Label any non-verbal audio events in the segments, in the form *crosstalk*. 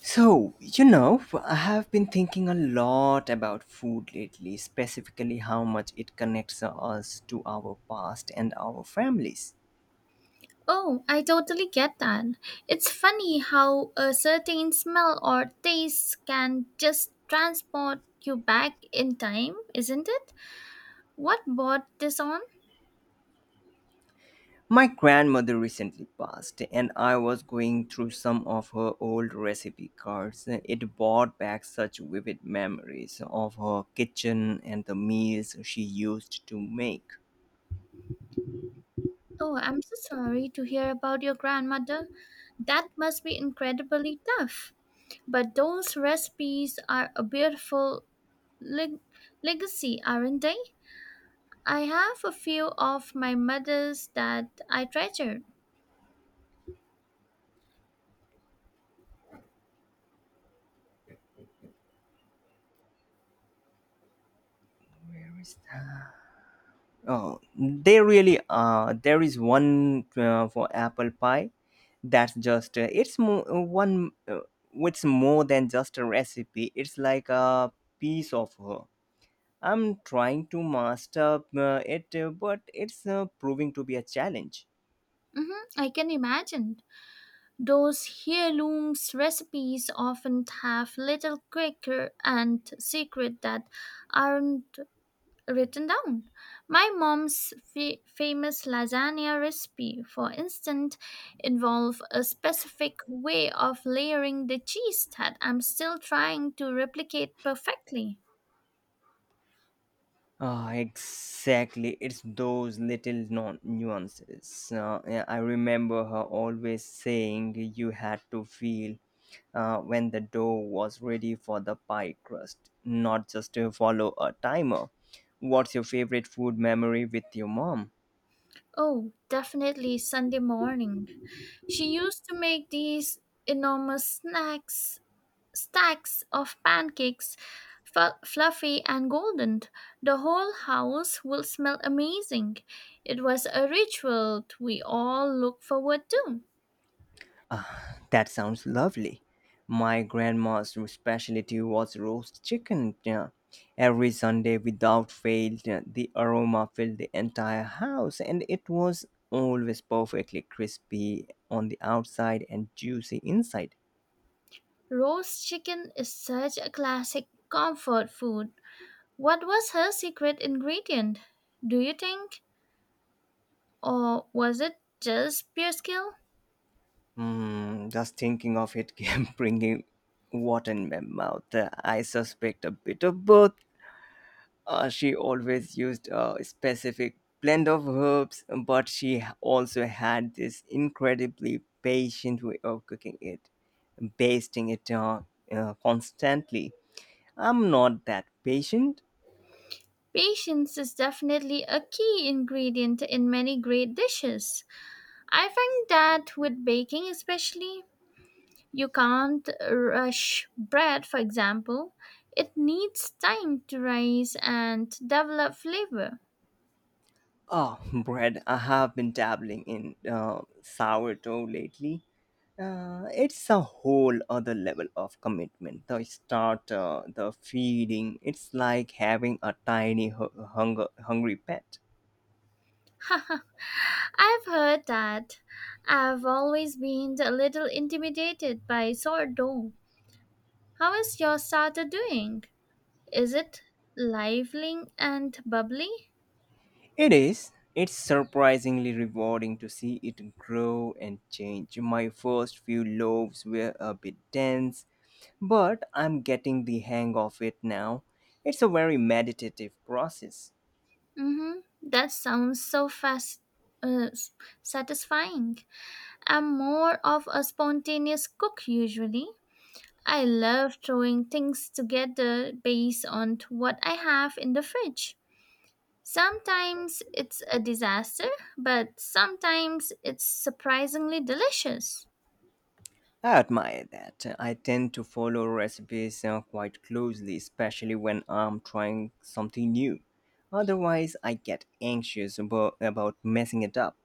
So, you know, I have been thinking a lot about food lately, specifically how much it connects us to our past and our families. Oh, I totally get that. It's funny how a certain smell or taste can just transport you back in time, isn't it? What brought this on? My grandmother recently passed, and I was going through some of her old recipe cards. It brought back such vivid memories of her kitchen and the meals she used to make. Oh, I'm so sorry to hear about your grandmother. That must be incredibly tough. But those recipes are a beautiful leg- legacy, aren't they? I have a few of my mother's that I treasure. Where is? Oh, they really are. There is one for apple pie. That's just it's more one. It's more than just a recipe. It's like a piece of her. I'm trying to master it, but it's proving to be a challenge. Mm-hmm, I can imagine. Those heirlooms recipes often have little quaker and secret that aren't written down. My mom's famous lasagna recipe, for instance, involved a specific way of layering the cheese that I'm still trying to replicate perfectly. Ah, exactly. It's those little nuances. Yeah, I remember her always saying you had to feel when the dough was ready for the pie crust, not just to follow a timer. What's your favorite food memory with your mom? Oh, definitely Sunday morning. She used to make these enormous snacks stacks of pancakes, fluffy and golden. The whole house will smell amazing. It was a ritual we all look forward to. Ah, that sounds lovely. My grandma's specialty was roast chicken. Yeah. Every Sunday, without fail, yeah, the aroma filled the entire house, and it was always perfectly crispy on the outside and juicy inside. Roast chicken is such a classic comfort food. What was her secret ingredient, do you think? Or was it just pure skill? Hmm, just thinking of it kept *laughs* bringing water in my mouth. I suspect a bit of both. She always used a specific blend of herbs, but she also had this incredibly patient way of cooking it, basting it on constantly. I'm not that patient. Patience is definitely a key ingredient in many great dishes. I find that with baking, especially, you can't rush bread, for example. It needs time to rise and develop flavor. Oh, *laughs* bread. I have been dabbling in sourdough lately, it's a whole other level of commitment, the starter, the feeding. It's like having a tiny hungry pet. *laughs* I've heard that. I've always been a little intimidated by sourdough. How is your starter doing? Is it lively and bubbly? It is. It's surprisingly rewarding to see it grow and change. My first few loaves were a bit dense, but I'm getting the hang of it now. It's a very meditative process. Mm-hmm. That sounds so fast, uh, s- satisfying. I'm more of a spontaneous cook usually. I love throwing things together based on what I have in the fridge. Sometimes it's a disaster, but sometimes it's surprisingly delicious. I admire that. I tend to follow recipes quite closely, especially when I'm trying something new. Otherwise, I get anxious about messing it up.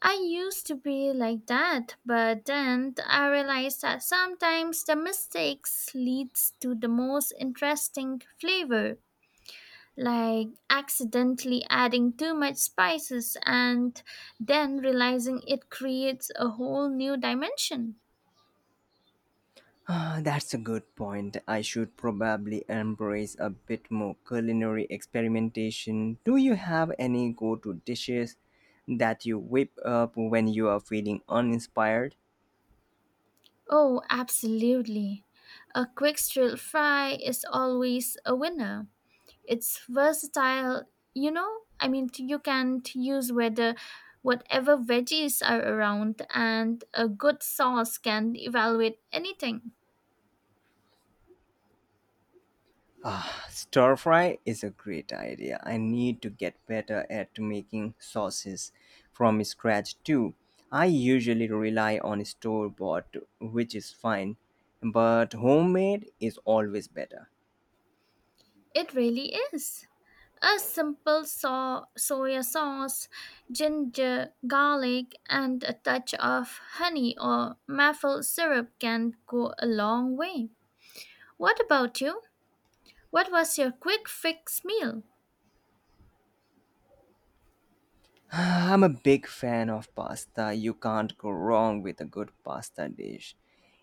I used to be like that, but then I realized that sometimes the mistakes leads to the most interesting flavor, like accidentally adding too much spices and then realizing it creates a whole new dimension. Ah, that's a good point. I should probably embrace a bit more culinary experimentation. Do you have any go to dishes that you whip up when you are feeling uninspired? Oh, absolutely. A quick stir fry is always a winner. It's versatile, you know? I mean, you can use whether whatever veggies are around and a good sauce can evaluate anything. Ah, stir fry is a great idea. I need to get better at making sauces from scratch too. I usually rely on store bought, which is fine, but homemade is always better. *sighs* It really is. A simple soya sauce, ginger, garlic, and a touch of honey or maple syrup can go a long way. What about you? What was your quick fix meal? Ah, I'm a big fan of pasta. You can't go wrong with a good pasta dish.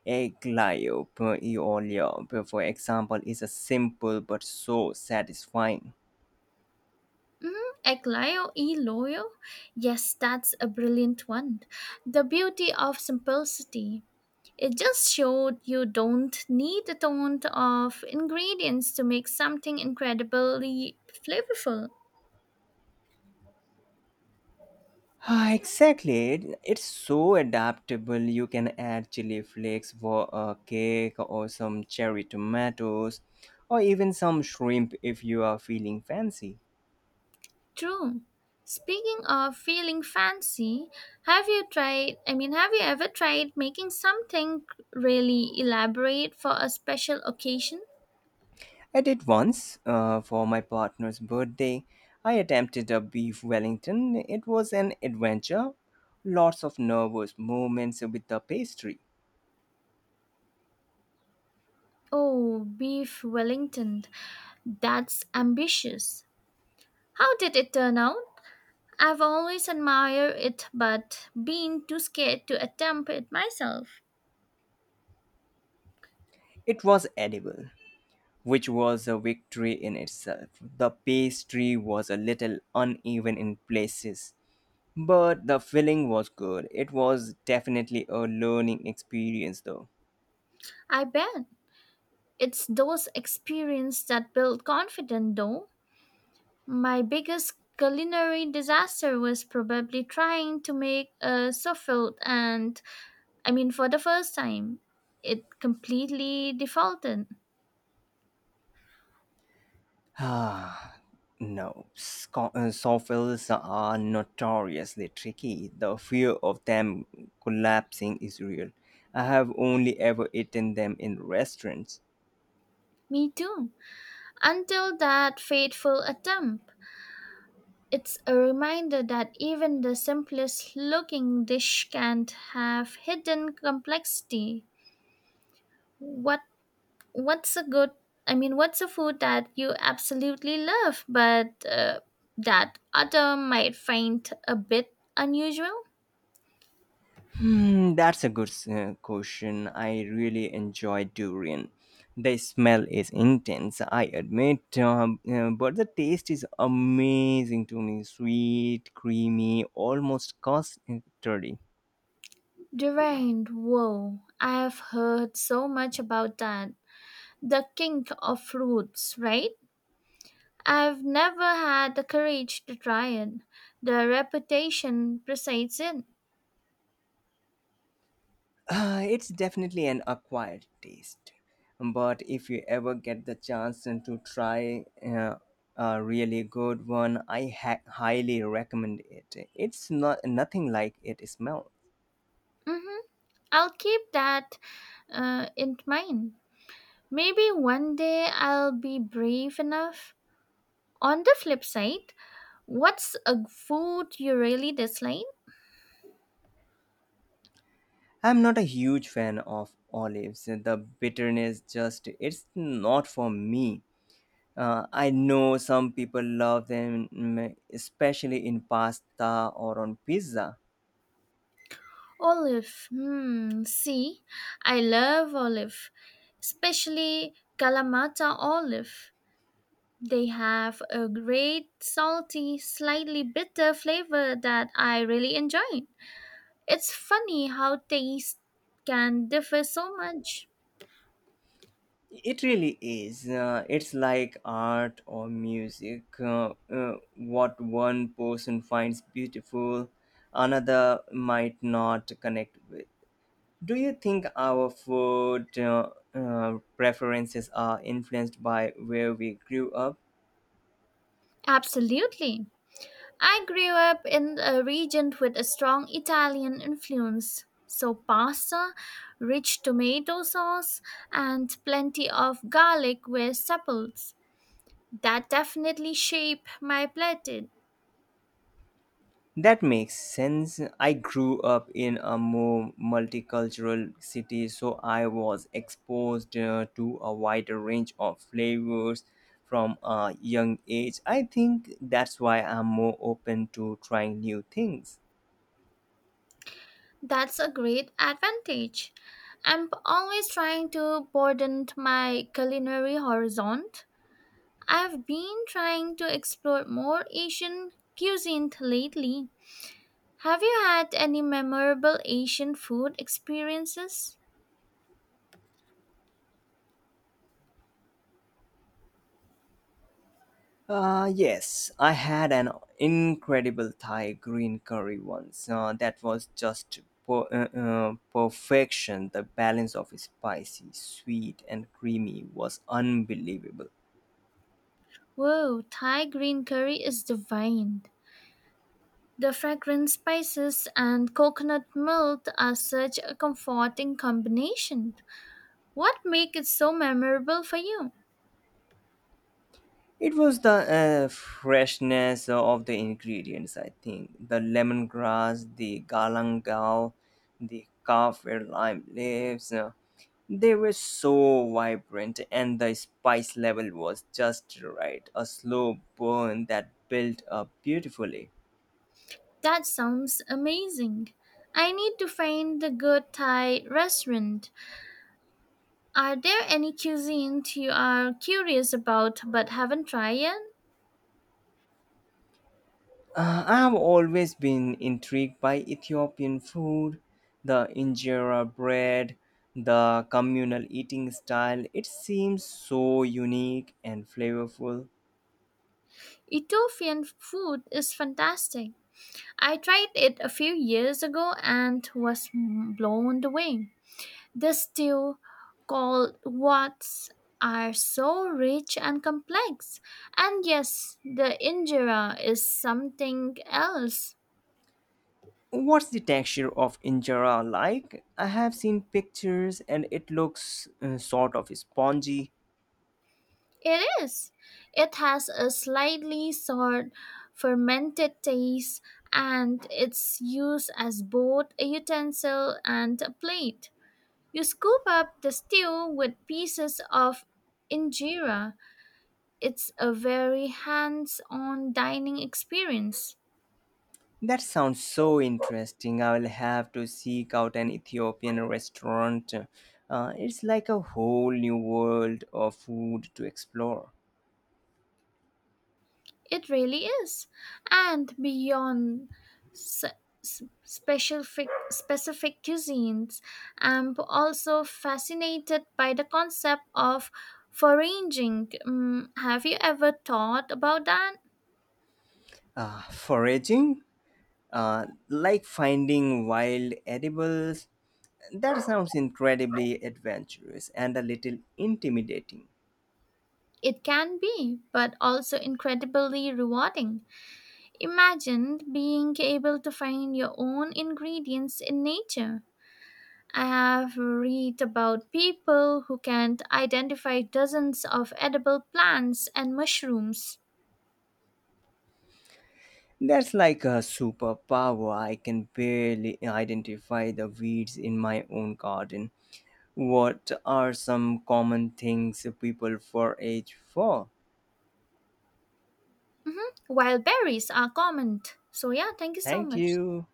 Aglio e olio, for example, is a simple but so satisfying. Mm, Eglayo e loyo? Yes, that's a brilliant one. The beauty of simplicity. It just showed you don't need a ton of ingredients to make something incredibly flavorful. Ah, exactly. It's so adaptable. You can add chili flakes for a cake, or some cherry tomatoes, or even some shrimp if you are feeling fancy. True. Speaking of feeling fancy, have you ever tried making something really elaborate for a special occasion? I did once for my partner's birthday. I attempted a beef Wellington. It was an adventure. Lots of nervous moments with the pastry. Oh, beef Wellington. That's ambitious. How did it turn out? I've always admired it, but been too scared to attempt it myself. It was edible, which was a victory in itself. The pastry was a little uneven in places, but the feeling was good. It was definitely a learning experience, though. *sighs* I bet it's those experiences that build confidence, though. My biggest culinary disaster was probably trying to make a souffle, and for the first time, it completely defaulted. Ah, no. Soffits are notoriously tricky. The fear of them collapsing is real. I have only ever eaten them in restaurants. Me too. Until that fateful attempt. It's a reminder that even the simplest looking dish can have hidden complexity. What what's a good I mean What's a food that you absolutely love but that other might find a bit unusual? Hmm, that's a good question. I really enjoy durian. The smell is intense, I admit, but the taste is amazing to me. Sweet, creamy, almost custardy. Durian, whoa. I have heard so much about that. The king of fruits, right? I've never had the courage to try it. The reputation precedes it. It's definitely an acquired taste. But if you ever get the chance and to try a really good one, I highly recommend it. It's not nothing like it smells. Mhm. I'll keep that in mind. Maybe one day I'll be brave enough. On the flip side, what's a food you really dislike? I'm not a huge fan of olives. The bitterness just it's not for me. I know some people love them, mm, especially in pasta or on pizza. Olive. Hmm. See, I love olive, especially Kalamata olive. They have a great salty, slightly bitter flavor that I really enjoy. It's funny how taste can differ so much. It really is. It's like art or music. What one person finds beautiful, another might not connect with. Do you think our food preferences are influenced by where we grew up? Absolutely. I grew up in a region with a strong Italian influence, so pasta, rich tomato sauce, and plenty of garlic were staples. That definitely shaped my palate. That makes sense. I grew up in a more multicultural city, so I was exposed to a wider range of flavors from a young age. I think that's why I'm more open to trying new things. That's a great advantage. I'm always trying to broaden my culinary horizon. I've been trying to explore more Asian cuisine lately. Have you had any memorable Asian food experiences? Yes, I had an incredible Thai green curry once. That was just perfection. The balance of spicy, sweet, and creamy was unbelievable. Whoa, Thai green curry is divine. The fragrant spices and coconut milk are such a comforting combination. What makes it so memorable for you? It was the freshness of the ingredients, I think. The lemongrass, the galangal, the kaffir lime leaves. They were so vibrant, and the spice level was just right. A slow burn that built up beautifully. That sounds amazing. I need to find the good Thai restaurant. Are there any cuisines you are curious about but haven't tried yet? I've always been intrigued by Ethiopian food, the injera bread, the communal eating style. It seems so unique and flavorful. Ethiopian food is fantastic. I tried it a few years ago and was blown away. The stew called wats are so rich and complex. And yes, the injera is something else. What's the texture of injera like? I have seen pictures, and it looks sort of spongy. It is. It has a slightly sour fermented taste and it's used as both a utensil and a plate. You scoop up the stew with pieces of injera. It's a very hands on dining experience. That sounds so interesting. I will have to seek out an Ethiopian restaurant. It's like a whole new world of food to explore. It really is. And beyond s- specific cuisines, I'm also fascinated by the concept of foraging. Mm, have you ever thought about that? Foraging, like finding wild edibles. That sounds incredibly adventurous and a little intimidating. It can be, but also incredibly rewarding. Imagine being able to find your own ingredients in nature. I have read about people who can identify dozens of edible plants and mushrooms, That's like a superpower. I can barely identify the weeds in my own garden. What are some common things people forage for? mhm, while berries are common. So, yeah, thank you so Thank much. you.